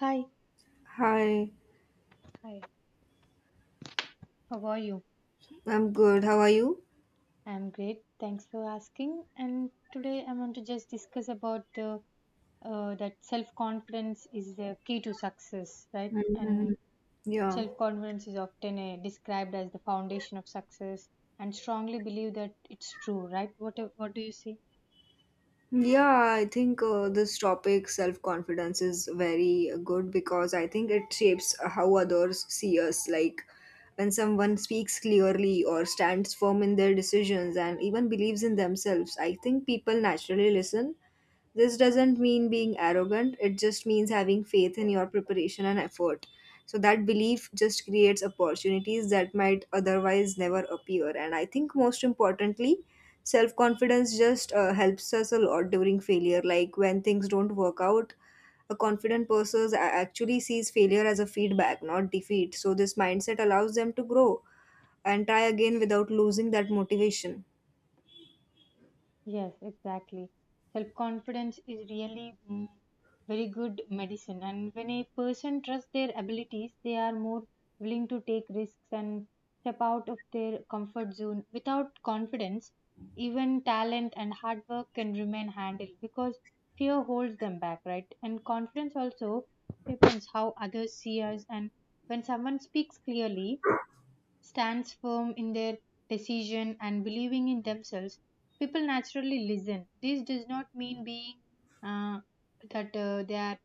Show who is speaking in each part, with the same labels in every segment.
Speaker 1: Hi.
Speaker 2: Hi,
Speaker 1: Hi. How are you?
Speaker 2: I'm good. How are you?
Speaker 1: I'm great. Thanks for asking. And today I want to just discuss about that self-confidence is the key to success, right? And
Speaker 2: Mhm. Yeah.
Speaker 1: self-confidence is often described as the foundation of success, and strongly believe that it's true, right? What do you say?
Speaker 2: Yeah, I think this topic, self-confidence, is very good because I think it shapes how others see us. Like when someone speaks clearly or stands firm in their decisions and even believes in themselves, I think people naturally listen. This doesn't mean being arrogant, it just means having faith in your preparation and effort. So, that belief just creates opportunities that might otherwise never appear. And I think most importantly, self confidence just helps us a lot during failure. Like when things don't work out, a confident actually sees failure as a feedback, not defeat. So, this mindset allows them to grow and try again without losing that motivation.
Speaker 1: Yes, exactly. Self confidence is really very good medicine, and when a person trusts their abilities, they are more willing to take risks and step out of their comfort zone. Without confidence, even talent and hard work can remain handled because fear holds them back, right? And confidence also depends how others see us, and when someone speaks clearly, stands firm in their decision and believing in themselves, people naturally listen. This does not mean being uh, that they are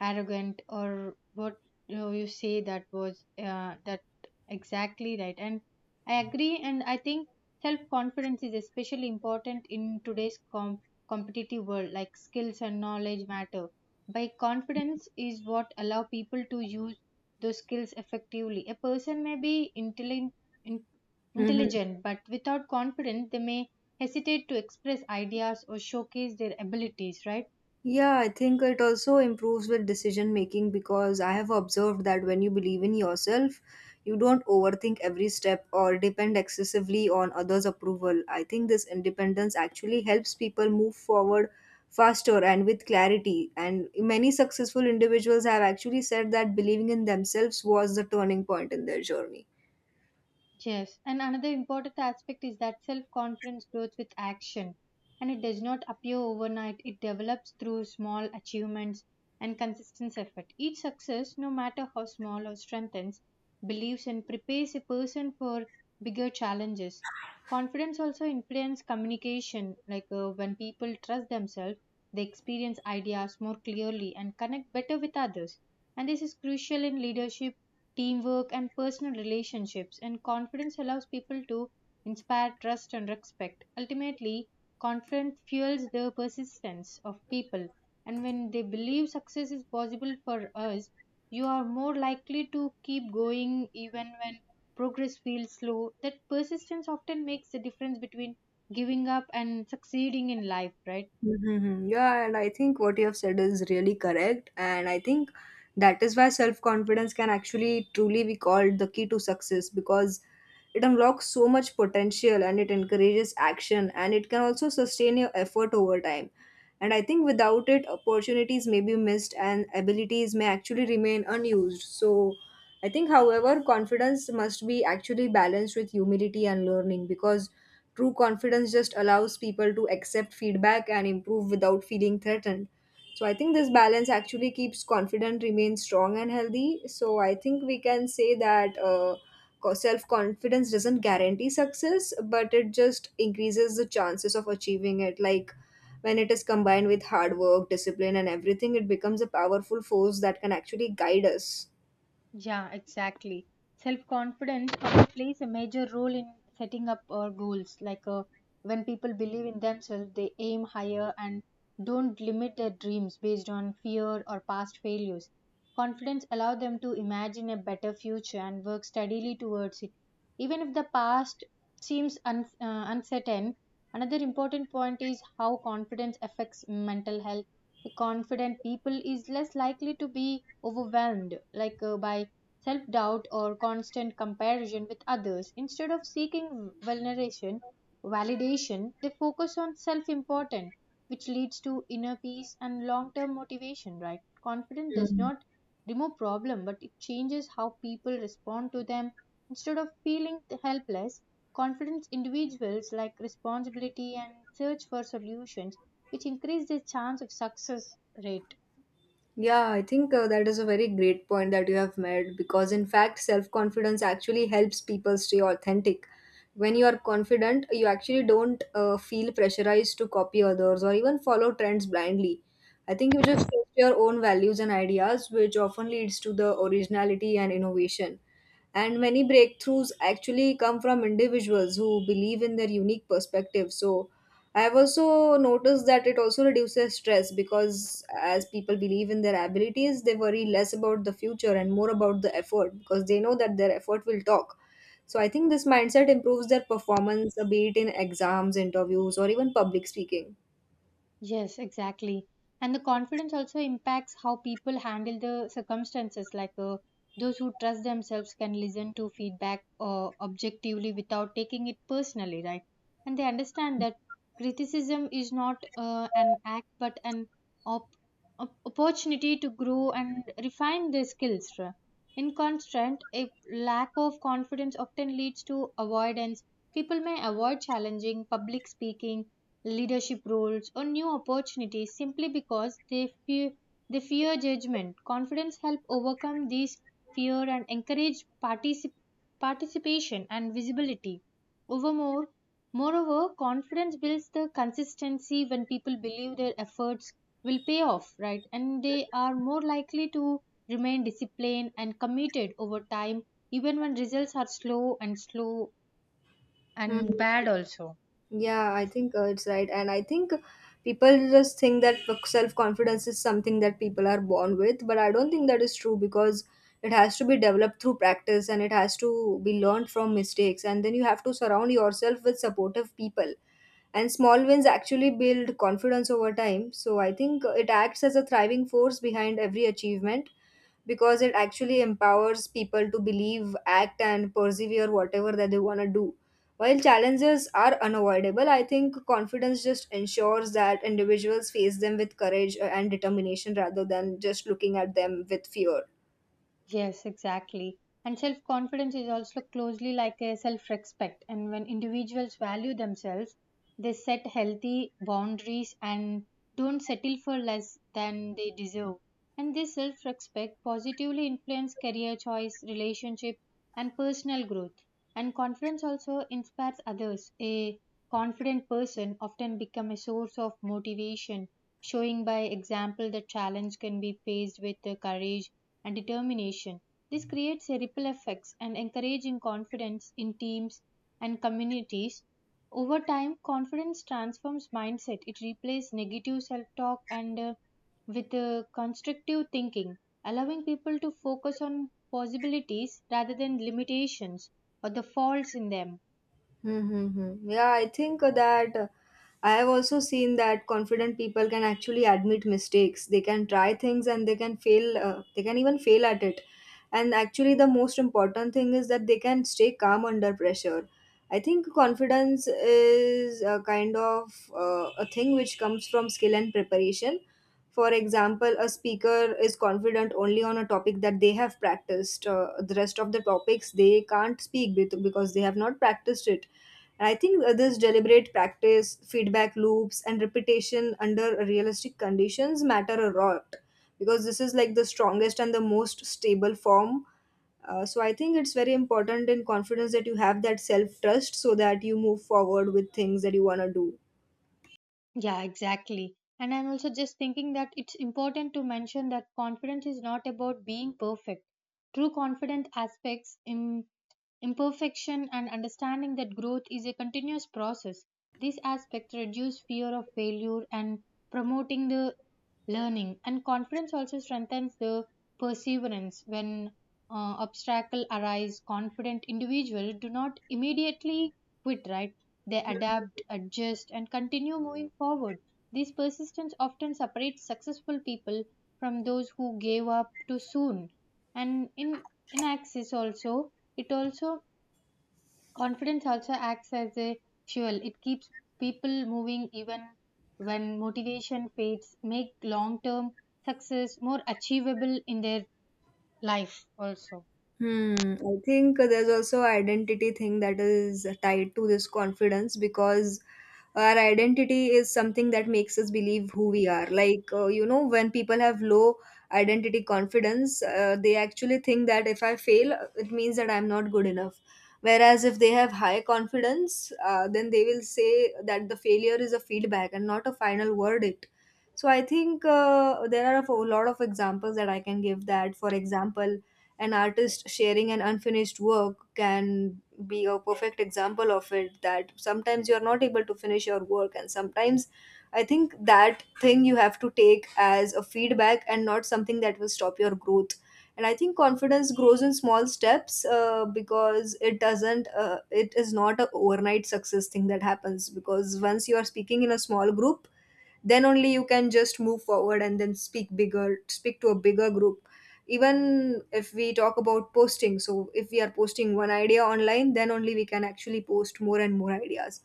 Speaker 1: arrogant or what you, know, you say that was that exactly right, and I agree, and I think self confidence is especially important in today's competitive world, like skills and knowledge matter by confidence is what allow people to use those skills effectively. A person may be in-
Speaker 2: Mm-hmm.
Speaker 1: intelligent, but without confidence they may hesitate to express ideas or showcase their abilities, right?
Speaker 2: Yeah, I think it also improves with decision making because I have observed that when you believe in yourself, you don't overthink every step or depend excessively on others' approval. I think this independence actually helps people move forward faster and with clarity. And many successful individuals have actually said that believing in themselves was the turning point in their journey.
Speaker 1: Yes, and another important aspect is that self confidence grows with action and it does not appear overnight. It develops through small achievements and consistent effort. Each success, no matter how small or strengthens, believes and prepares a person for bigger challenges. Confidence also influences communication, like when people trust themselves, they experience ideas more clearly and connect better with others. And this is crucial in leadership teamwork, and personal relationships. And confidence allows people to inspire trust and respect. Ultimately, confidence fuels the persistence of people. And when they believe success is possible for us, you are more likely to keep going even when progress feels slow. That persistence often makes the difference between giving up and succeeding in life, right?
Speaker 2: Mm-hmm. Yeah, and I think what you have said is really correct. And I think that is why self confidence can actually truly be called the key to success because it unlocks so much potential and it encourages action and it can also sustain your effort over time. And I think without it, opportunities may be missed and abilities may actually remain unused. So I think, however, confidence must be actually balanced with humility and learning because true confidence just allows people to accept feedback and improve without feeling threatened. So I think this balance actually keeps confident remains strong and healthy. So I think we can say that self confidence doesn't guarantee success, but it just increases the chances of achieving it. Like when it is combined with hard work, discipline, and everything, it becomes a powerful force that can actually guide us.
Speaker 1: Yeah, exactly. Self confidence also plays a major role in setting up our goals. Like when people believe in themselves, they aim higher and don't limit their dreams based on fear or past failures. Confidence allows them to imagine a better future and work steadily towards it. Even if the past seems uncertain, another important point is how confidence affects mental health. A confident people is less likely to be overwhelmed, like by self doubt or constant comparison with others. Instead of seeking validation, they focus on self importance, which leads to inner peace and long term motivation, right? Confidence does
Speaker 2: Mm.
Speaker 1: not remove problem, but it changes how people respond to them. Instead of feeling helpless, confident individuals like responsibility and search for solutions, which increase their chance of success rate.
Speaker 2: Yeah, I think that is a very great point that you have made because, in fact, self confidence actually helps people stay authentic. When you are confident, you actually don't feel pressurized to copy others or even follow trends blindly. I think you just trust your own values and ideas, which often leads to the originality and innovation, and many breakthroughs actually come from individuals who believe in their unique perspective. So I have also noticed that it also reduces stress because as people believe in their abilities, they worry less about the future and more about the effort because they know that their effort will talk. So I think this mindset improves their performance, be it in exams, interviews, or even public speaking.
Speaker 1: Yes, exactly. And the confidence also impacts how people handle the circumstances. Like those who trust themselves can listen to feedback objectively without taking it personally, right? And they understand that criticism is not an act but an op- opportunity to grow and refine their skills. In contrast, a lack of confidence often leads to avoidance. People may avoid challenging public speaking leadership roles, or new opportunities simply because they fear judgment. Confidence helps overcome these fear and encourage participation and visibility. Overmore, moreover, confidence builds the consistency when people believe their efforts will pay off, right? And they are more likely to remain disciplined and committed over time, even when results are slow and bad also.
Speaker 2: Yeah, I think it's right. And I think people just think that self confidence is something that people are born with, but I don't think that is true because it has to be developed through practice and it has to be learned from mistakes. And then you have to surround yourself with supportive people. And small wins actually build confidence over time. So I think it acts as a thriving force behind every achievement because it actually empowers people to believe, act, and persevere whatever that they want to do. While challenges are unavoidable, I think confidence just ensures that individuals face them with courage and determination rather than just looking at them with fear.
Speaker 1: Yes, exactly. And self confidence is also closely like a self respect. And when individuals value themselves, they set healthy boundaries and don't settle for less than they deserve, and this self respect positively influences career choice, relationships, and personal growth. And confidence also inspires others. A confident person often becomes a source of motivation, showing by example that challenge can be faced with courage and determination. This creates a ripple effects and encouraging confidence in teams and communities. Over time, confidence transforms mindset. It replaces negative self talk and with constructive thinking, allowing people to focus on possibilities rather than limitations or the faults in them.
Speaker 2: Mm-hmm. Yeah, I think that I have also seen that confident people can actually admit mistakes. They can try things and they can fail, they can even fail at it. And actually, the most important thing is that they can stay calm under pressure. I think confidence is a kind of a thing which comes from skill and preparation. For example, a speaker is confident only on a topic that they have practiced. The rest of the topics they can't speak be- because they have not practiced it. And I think this deliberate practice, feedback loops, and repetition under realistic conditions matter a lot because this is like the strongest and the most stable form. So I think it's very important in confidence that you have that self trust so that you move forward with things that you want to do.
Speaker 1: Yeah, exactly. And I'm also just thinking that it's important to mention that confidence is not about being perfect. True confidence aspects in imperfection and understanding that growth is a continuous process. These aspects reduce fear of failure and promoting the learning, and confidence also strengthens the perseverance when obstacle arise. Confident individuals do not immediately quit, right? They adapt, adjust, and continue moving forward. This persistence often separates successful people from those who gave up too soon. And in access also, it also. Confidence also acts as a fuel. It keeps people moving even when motivation fades, make long term success more achievable in their life also.
Speaker 2: Hmm, I think there's also identity thing that is tied to this confidence because our identity is something that makes us believe who we are. Like, when people have low identity confidence, they actually think that if I fail, it means that I'm not good enough. Whereas if they have high confidence, then they will say that the failure is a feedback and not a final verdict. So I think there are a lot of examples that I can give that. For example, an artist sharing an unfinished work can be a perfect example of it, that sometimes you are not able to finish your work, and sometimes I think that thing you have to take as a feedback and not something that will stop your growth. And I think confidence grows in small steps because it doesn't, it is not a overnight success thing that happens. Because once you are speaking in a small group, then only you can just move forward and then speak to a bigger group. Even if we talk about posting, so if we are posting one idea online, then only we can actually post more and more ideas.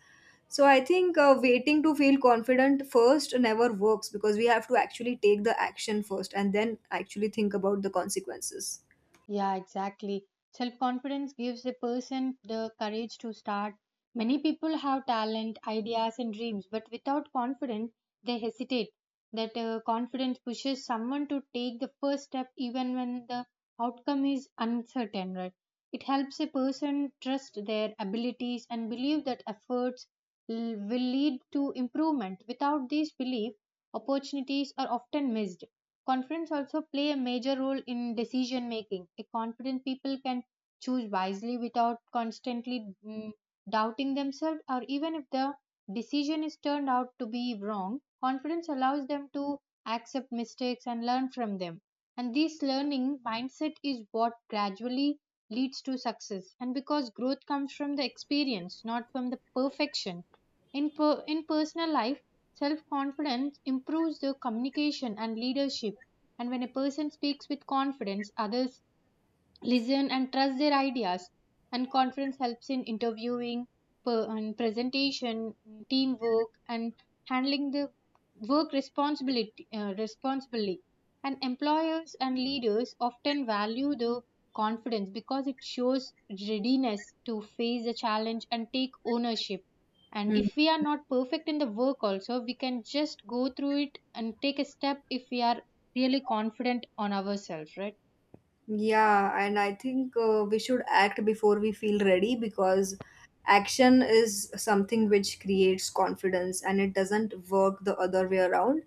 Speaker 2: So I think waiting to feel confident first never works because we have to actually take the action first and then actually think about the consequences.
Speaker 1: Yeah, exactly. Self confidence gives a person the courage to start. Many people have talent, ideas, and dreams, but without confidence, they hesitate. That confidence pushes someone to take the first step even when the outcome is uncertain, right? It helps a person trust their abilities and believe that efforts will lead to improvement. Without this belief, opportunities are often missed. Confidence also play a major role in decision making. A confident people can choose wisely without constantly doubting themselves, or even if the decision is turned out to be wrong, confidence allows them to accept mistakes and learn from them. And this learning mindset is what gradually leads to success. And because growth comes from the experience, not from the perfection in personal life, self confidence improves the communication and leadership. And when a person speaks with confidence, others listen and trust their ideas, and confidence helps in interviewing and presentation teamwork and handling the work responsibility responsibly, and employers and leaders often value the confidence because it shows readiness to face the challenge and take ownership, and
Speaker 2: Hmm.
Speaker 1: if we are not perfect in the work also we can just go through it and take a step if we are really confident on ourselves, right?
Speaker 2: Yeah, and I think we should act before we feel ready because action is something which creates confidence and it doesn't work the other way around.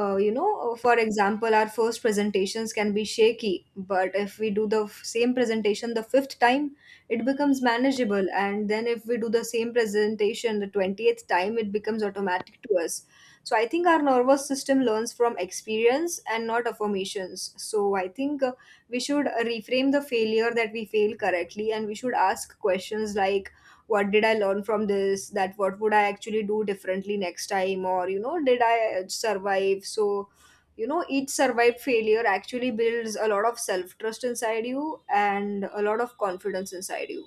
Speaker 2: For example, our first presentations can be shaky, but if we do the same presentation the fifth time, it becomes manageable. And then if we do the same presentation the 20th time, it becomes automatic to us. So I think our nervous system learns from experience and not affirmations. So I think we should reframe the failure, that we fail correctly, and we should ask questions like, what did I learn from this, that what would I actually do differently next time, or you know, did I survive? So you know, each survived failure actually builds a lot of self trust inside you and a lot of confidence inside you.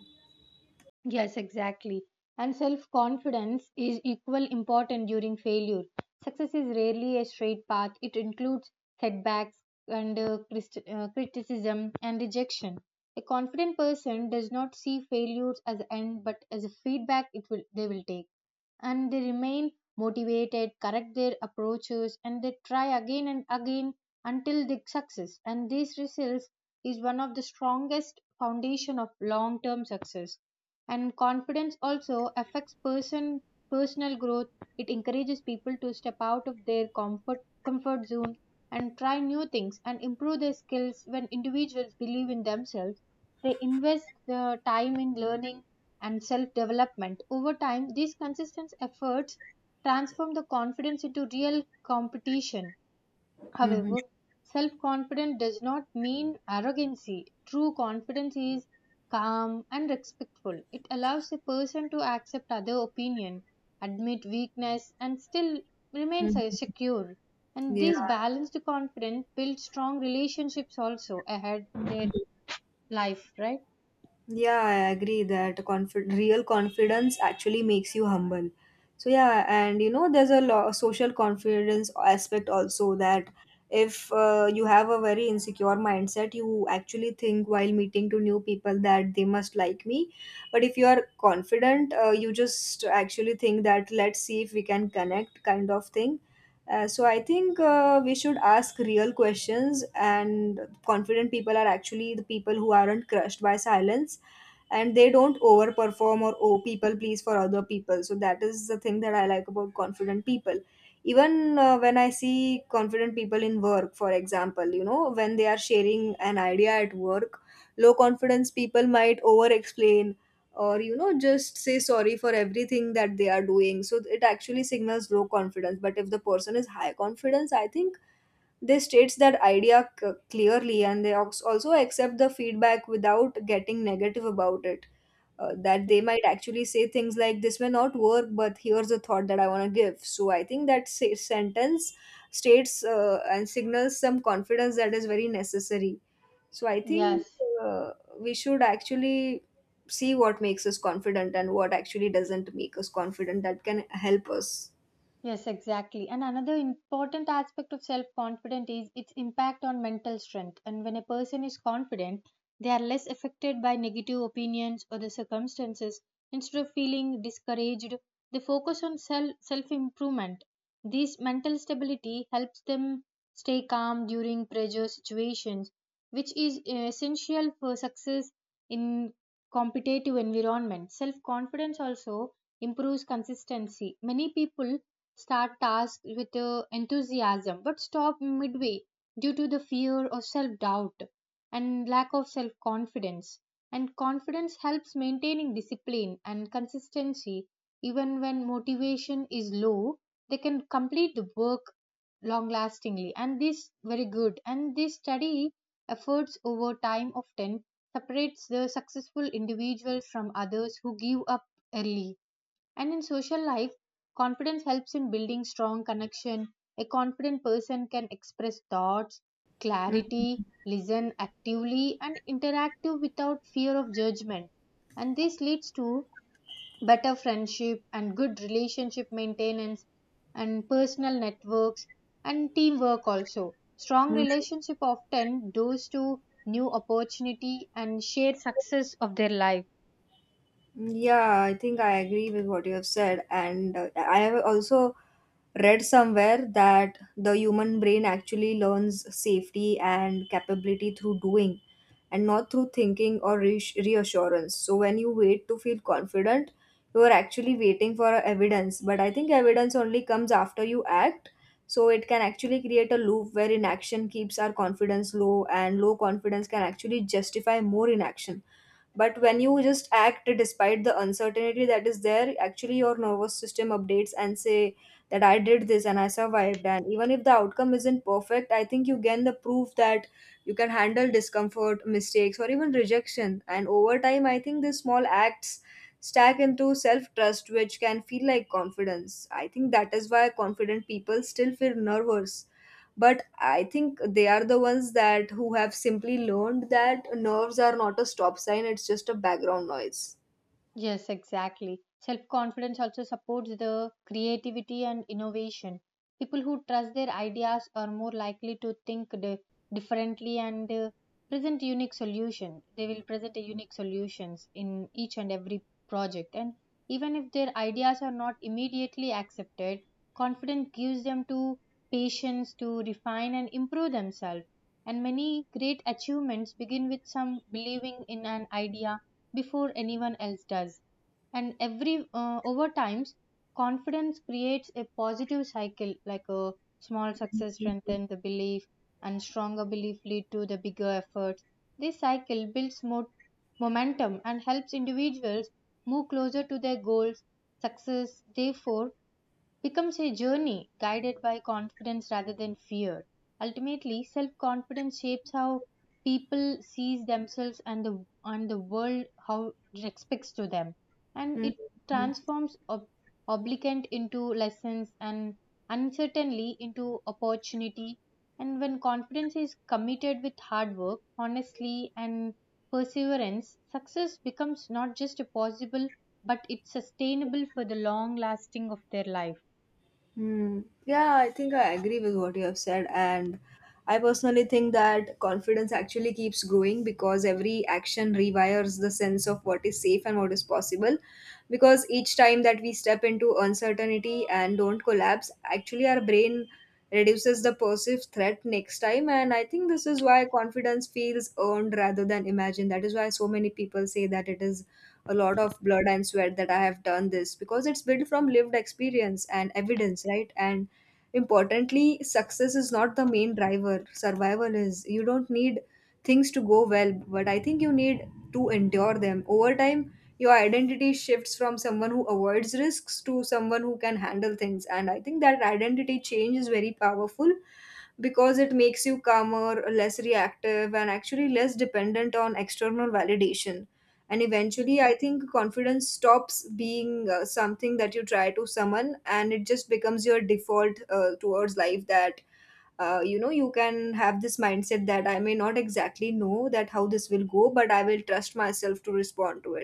Speaker 1: Yes, exactly. And self confidence is equal important during failure. Success is rarely a straight path. It includes setbacks and criticism and rejection. A confident person does not see failures as an end but as a feedback it will they will take, and they remain motivated, correct their approaches, and they try again and again until they success. And these results is one of the strongest foundation of long-term success. And confidence also affects personal growth. It encourages people to step out of their comfort zone and try new things and improve their skills. When individuals believe in themselves, they invest the time in learning and self development. Over time, these consistent efforts transform the confidence into real competition.
Speaker 2: Hmm.
Speaker 1: However, self confidence does not mean arrogancy. True confidence is calm and respectful. It allows a person to accept other opinion, admit weakness, and still remain secure. And this
Speaker 2: Yeah.
Speaker 1: balanced confidence builds strong relationships also ahead in their life, right?
Speaker 2: Yeah, I agree that real confidence actually makes you humble. So yeah, and you know, there's a social confidence aspect also that if you have a very insecure mindset, you actually think while meeting to new people that they must like me. But if you are confident, you just actually think that let's see if we can connect kind of thing. So I think we should ask real questions, and confident people are actually the people who aren't crushed by silence, and they don't overperform or oh, people please for other people. So that is the thing that I like about confident people. Even when I see confident people in work, for example, you know, when they are sharing an idea at work, low confidence people might over explain or you know, just say sorry for everything that they are doing, so it actually signals low confidence. But if the person is high confidence, I think they states that idea clearly, and they also accept the feedback without getting negative about it. That they might actually say things like this may not work, but here's a thought that I want to give. So I think that sentence states and signals some confidence that is very necessary. So I think
Speaker 1: Yes.
Speaker 2: uh, we should actually see what makes us confident and what actually doesn't make us confident that can help us.
Speaker 1: Yes, exactly. And another important aspect of self confidence is its impact on mental strength. And when a person is confident, they are less affected by negative opinions or the circumstances. Instead of feeling discouraged, they focus on self improvement. This mental stability helps them stay calm during pressure situations, which is essential for success in competitive environment. Self confidence also improves consistency. Many people start tasks with enthusiasm, but stop midway due to the fear or self doubt and lack of self confidence. And confidence helps maintaining discipline and consistency even when motivation is low. They can complete the work long lastingly, and this very good. And this study efforts over time often separates the successful individuals from others who give up early. And in social life, confidence helps in building strong connection. A confident person can express thoughts,
Speaker 2: Mhm.
Speaker 1: clarity, listen actively and interactive without fear of judgment. And this leads to better friendship and good relationship maintenance and personal networks and teamwork also. Strong relationship often doors to new opportunity and shared success of their life.
Speaker 2: Yeah, I think I agree with what you have said. And I have also read somewhere that the human brain actually learns safety and capability through doing and not through thinking or reassurance. So when you wait to feel confident, you are actually waiting for evidence. But I think evidence only comes after you act. So it can actually create a loop where inaction keeps our confidence low, and low confidence can actually justify more inaction, but when you just act despite the uncertainty that is there, actually your nervous system updates and say that I did this and I survived. And even if the outcome isn't perfect, I think you gain the proof that you can handle discomfort, mistakes, or even rejection. And over time, I think these small acts stack into self trust, which can feel like confidence. I think that is why confident people still feel nervous, but I think they are the ones that who have simply learned that nerves are not a stop sign, it's just a background noise.
Speaker 1: Yes, exactly. Self confidence also supports the creativity and innovation. People who trust their ideas are more likely to think differently and present unique solution. They will present a unique solutions in each and every project. And even if their ideas are not immediately accepted, confidence gives them to patience to refine and improve themselves, and many great achievements begin with some believing in an idea before anyone else does. And every over times, confidence creates a positive cycle like a small success strengthens the belief and stronger belief lead to the bigger efforts. This cycle builds more momentum and helps individuals move closer to their goals. Success, therefore, becomes a journey guided by confidence rather than fear. Ultimately, self-confidence shapes how people sees themselves and the world how it expects to them, and it
Speaker 2: Mhm.
Speaker 1: transforms obligant into lessons and uncertainly into opportunity. And when confidence is committed with hard work, honestly, and perseverance, success becomes not just a possible but it's sustainable for the long lasting of their life.
Speaker 2: Hmm. Yeah, I think I agree with what you have said. And I personally think that confidence actually keeps growing because every action rewires the sense of what is safe and what is possible. Because each time that we step into uncertainty and don't collapse, actually our brain reduces the perceived threat next time. And I think this is why confidence feels earned rather than imagined. That is why so many people say that it is a lot of blood and sweat that I have done this, because it's built from lived experience and evidence, right? And importantly, success is not the main driver. Survival is. You don't need things to go well, but I think you need to endure them. Over time, your identity shifts from someone who avoids risks to someone who can handle things. And I think that identity change is very powerful because it makes you calmer, less reactive, and actually less dependent on external validation. And
Speaker 1: Y-
Speaker 2: eventually, I think confidence stops being something that you try to summon, and it just becomes your default towards life, that you know, you can have this mindset that I may not exactly know that how this will go, but I will trust myself to respond to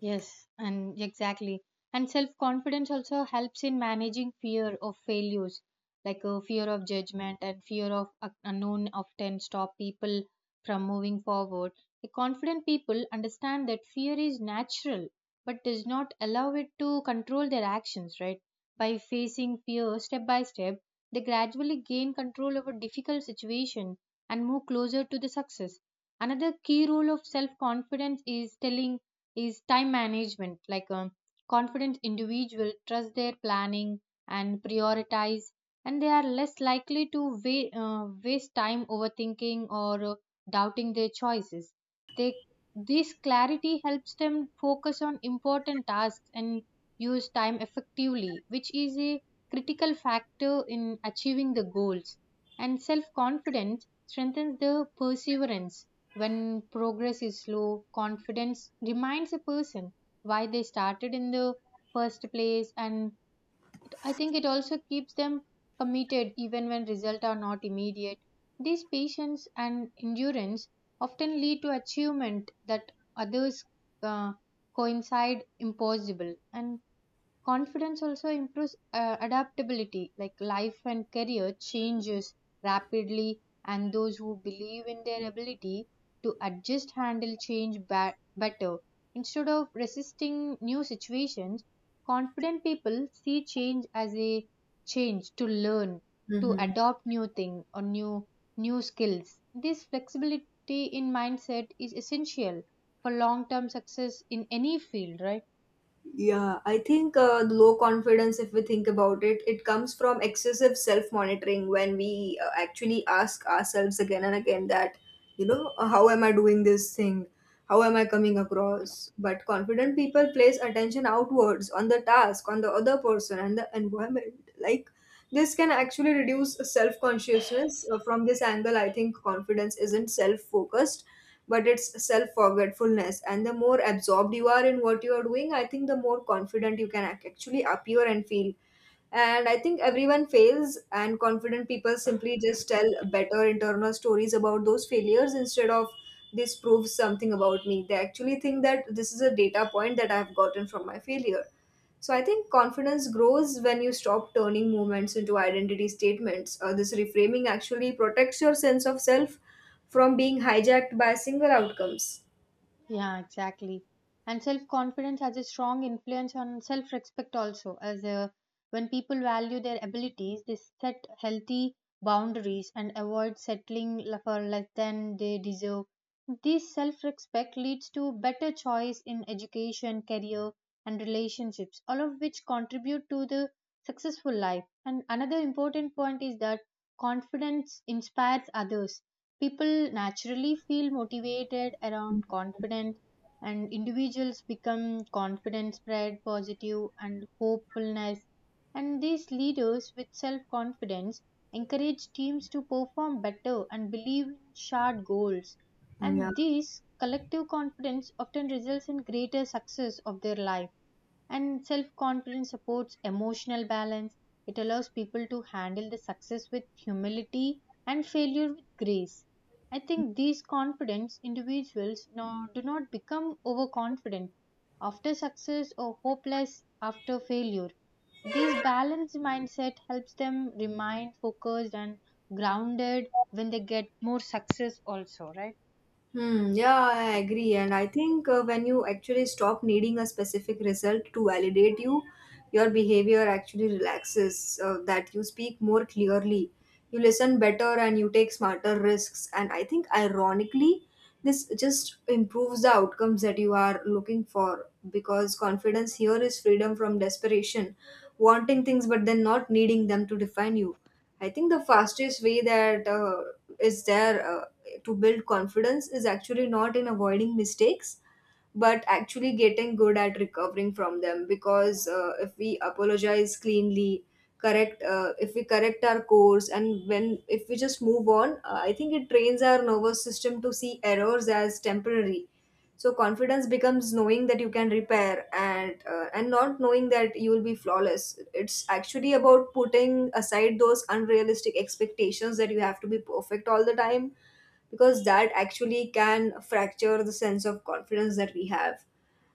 Speaker 1: Yes, and exactly. And self confidence also helps in managing fear of failures, like a fear of judgment and fear of unknown often stop people from moving forward. The confident people understand that fear is natural but does not allow it to control their actions, right? By facing fear step by step, they gradually gain control over difficult situation and move closer to the success. Another key role of self confidence is telling is time management, like a confident individual trust their planning and prioritize, and they are less likely to waste time overthinking or doubting their choices. They This clarity helps them focus on important tasks and use time effectively, which is a critical factor in achieving the goals. And self confidence strengthens the perseverance. When progress is slow, confidence reminds a person why they started in the first place, and I think it also keeps them committed even when results are not immediate. This patience and endurance often lead to achievement that others uh, coincide impossible. And confidence also improves adaptability, like life and career changes rapidly, and those who believe in their ability to adjust handle change better. Instead of resisting new situations, confident people see change as a change to learn,
Speaker 2: it.
Speaker 1: to adopt new thing or new skills. This flexibility in mindset is essential for long-term success in any field, right?
Speaker 2: Yeah, I think low confidence, if we think about it, it comes from excessive self monitoring when we actually ask ourselves again and again that, you know, how am I doing this thing? How am I coming across? But confident people place attention outwards on the task, on the other person, and the environment. Like, this can actually reduce self consciousness. From this angle, I think confidence isn't self focused, but it's self forgetfulness. And the more absorbed you are in what you are doing, I think the more confident you can actually appear and feel. And I think everyone fails, and confident people simply just tell better internal stories about those failures instead of this proves something about me. They actually think that this is a data point that I've gotten from my failure. So I think confidence grows when you stop turning moments into identity statements. This reframing actually protects your sense of self from being hijacked by single outcomes.
Speaker 1: Yeah, exactly. And self confidence has a strong influence on self respect also, as when people value their abilities, they set healthy boundaries and avoid settling for less than they deserve. This self respect leads to better choice in education, career, and relationships, all of which contribute to the successful life. And another important point is that confidence inspires others. People naturally feel motivated around confidence, and individuals become confident, spread positive and hopefulness. And these leaders with self confidence encourage teams to perform better and believe in shared goals.
Speaker 2: Yeah.
Speaker 1: And this collective confidence often results in greater success of their life. And self confidence supports emotional balance. It allows people to handle the success with humility and failure with grace. I think these confident individuals no, do not become overconfident after success or hopeless after failure. This balanced mindset helps them remain focused and grounded when they get more success, also, right?
Speaker 2: Hmm, yeah, I agree. And I think when you actually stop needing a specific result to validate you, your behavior actually relaxes, that you speak more clearly, you listen better, and you take smarter risks. And I think, ironically, this just improves the outcomes that you are looking for, because confidence here is freedom from desperation, wanting things but then not needing them to define you. I think the fastest way that is there to build confidence is actually not in avoiding mistakes, but actually getting good at recovering from them. Because if we apologize cleanly, correct if we correct our course and when if we just move on, I think it trains our nervous system to see errors as temporary. So confidence becomes knowing that you can repair and not knowing that you will be flawless. It's actually about putting aside those unrealistic expectations that you have to be perfect all the time, because that actually can fracture the sense of confidence that we have.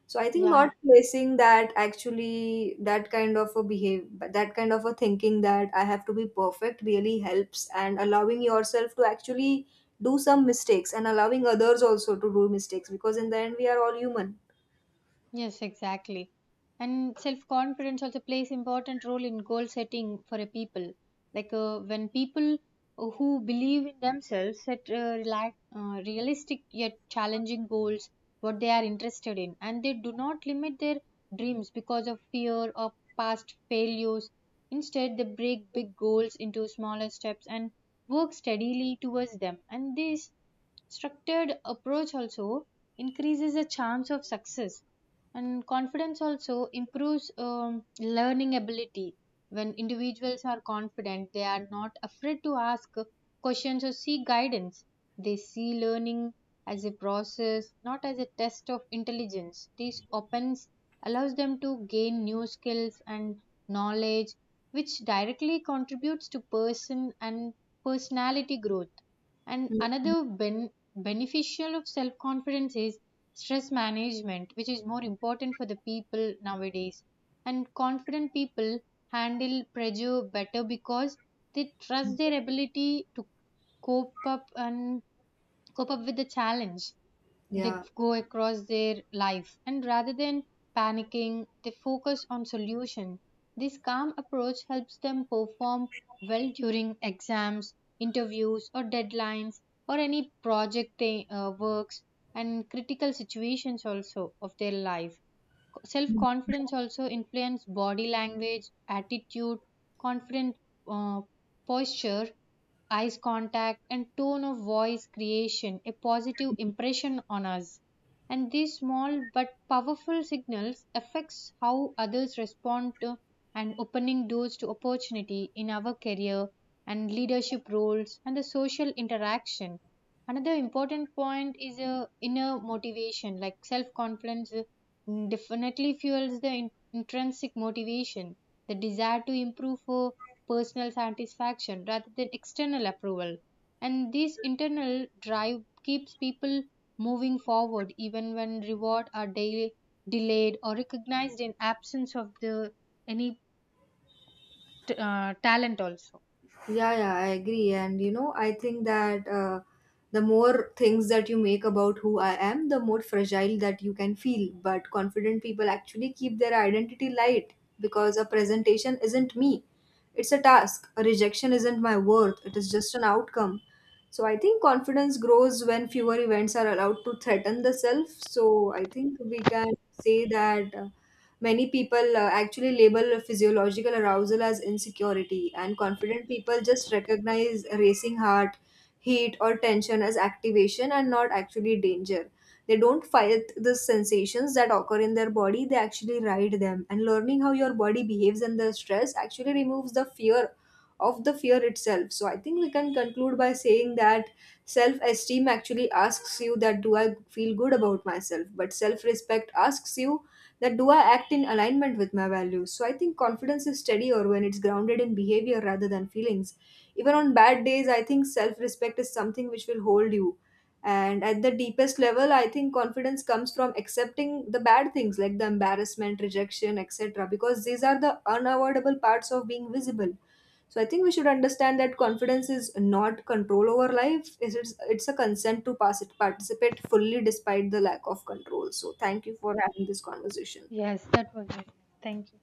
Speaker 2: So I think not
Speaker 1: Yeah,
Speaker 2: placing that, actually that kind of a behave. That kind of a thinking that I have to be perfect really helps, and allowing yourself to actually do some mistakes and allowing others also to do mistakes, because in the end we are all human.
Speaker 1: yes, exactly. And self confidence also plays important role in goal setting for a people. Like when people who believe in themselves set realistic yet challenging goals, what they are interested in, and they do not limit their dreams because of fear or past failures. Instead, they break big goals into smaller steps and work steadily towards them. And this structured approach also increases the chance of success. And confidence also improves learning ability. When individuals are confident, they are not afraid to ask questions or seek guidance. They see learning as a process, not as a test of intelligence. This opens allows them to gain new skills and knowledge, which directly contributes to person and personality growth. And
Speaker 2: Mhm.
Speaker 1: another beneficial of self confidence is stress management, which is more important for the people nowadays. And confident people handle pressure better because they trust their ability to cope up and cope up with the challenge they
Speaker 2: Yeah.
Speaker 1: go across their life. And rather than panicking, they focus on solution. This calm approach helps them perform well during exams, interviews, or deadlines, or any project they, works, and critical situations also of their life. Self confidence also influence body language attitude. Confident uh, posture, eyes contact, and tone of voice creation a positive impression on us, and these small but powerful signals affects how others respond to and opening doors to opportunity in our career and leadership roles and the social interaction. Another important point is a inner motivation, like self confidence definitely fuels the intrinsic motivation, the desire to improve for personal satisfaction rather than external approval. And this internal drive keeps people moving forward even when reward are daily delayed or recognized in absence of the any talent also.
Speaker 2: Yeah, yeah, I agree. And you know, I think that the more things that you make about who I am, the more fragile that you can feel. But confident people actually keep their identity light, because a presentation isn't me, it's a task. A rejection isn't my worth, it is just an outcome. So I think confidence grows when fewer events are allowed to threaten the self. So I think we can say that. Many people actually label physiological arousal as insecurity, and confident people just recognize racing heart, heat, or tension as activation and not actually danger. They don't fight the sensations that occur in their body, they actually ride them. And learning how your body behaves under stress actually removes the fear of the fear itself. So I think we can conclude by saying that self esteem actually asks you that do I feel good about myself, but self respect asks you that do I act in alignment with my values? So I think confidence is steadier when it's grounded in behavior rather than feelings. Even on bad days, I think self respect is something which will hold you. And at the deepest level, I think confidence comes from accepting the bad things like the embarrassment, rejection, etc., because these are the unavoidable parts of being visible. So I think we should understand that confidence is not control over life; is it's a consent to pass it, participate fully despite the lack of control. So thank you for having this conversation.
Speaker 1: Yes, that was it. Thank you.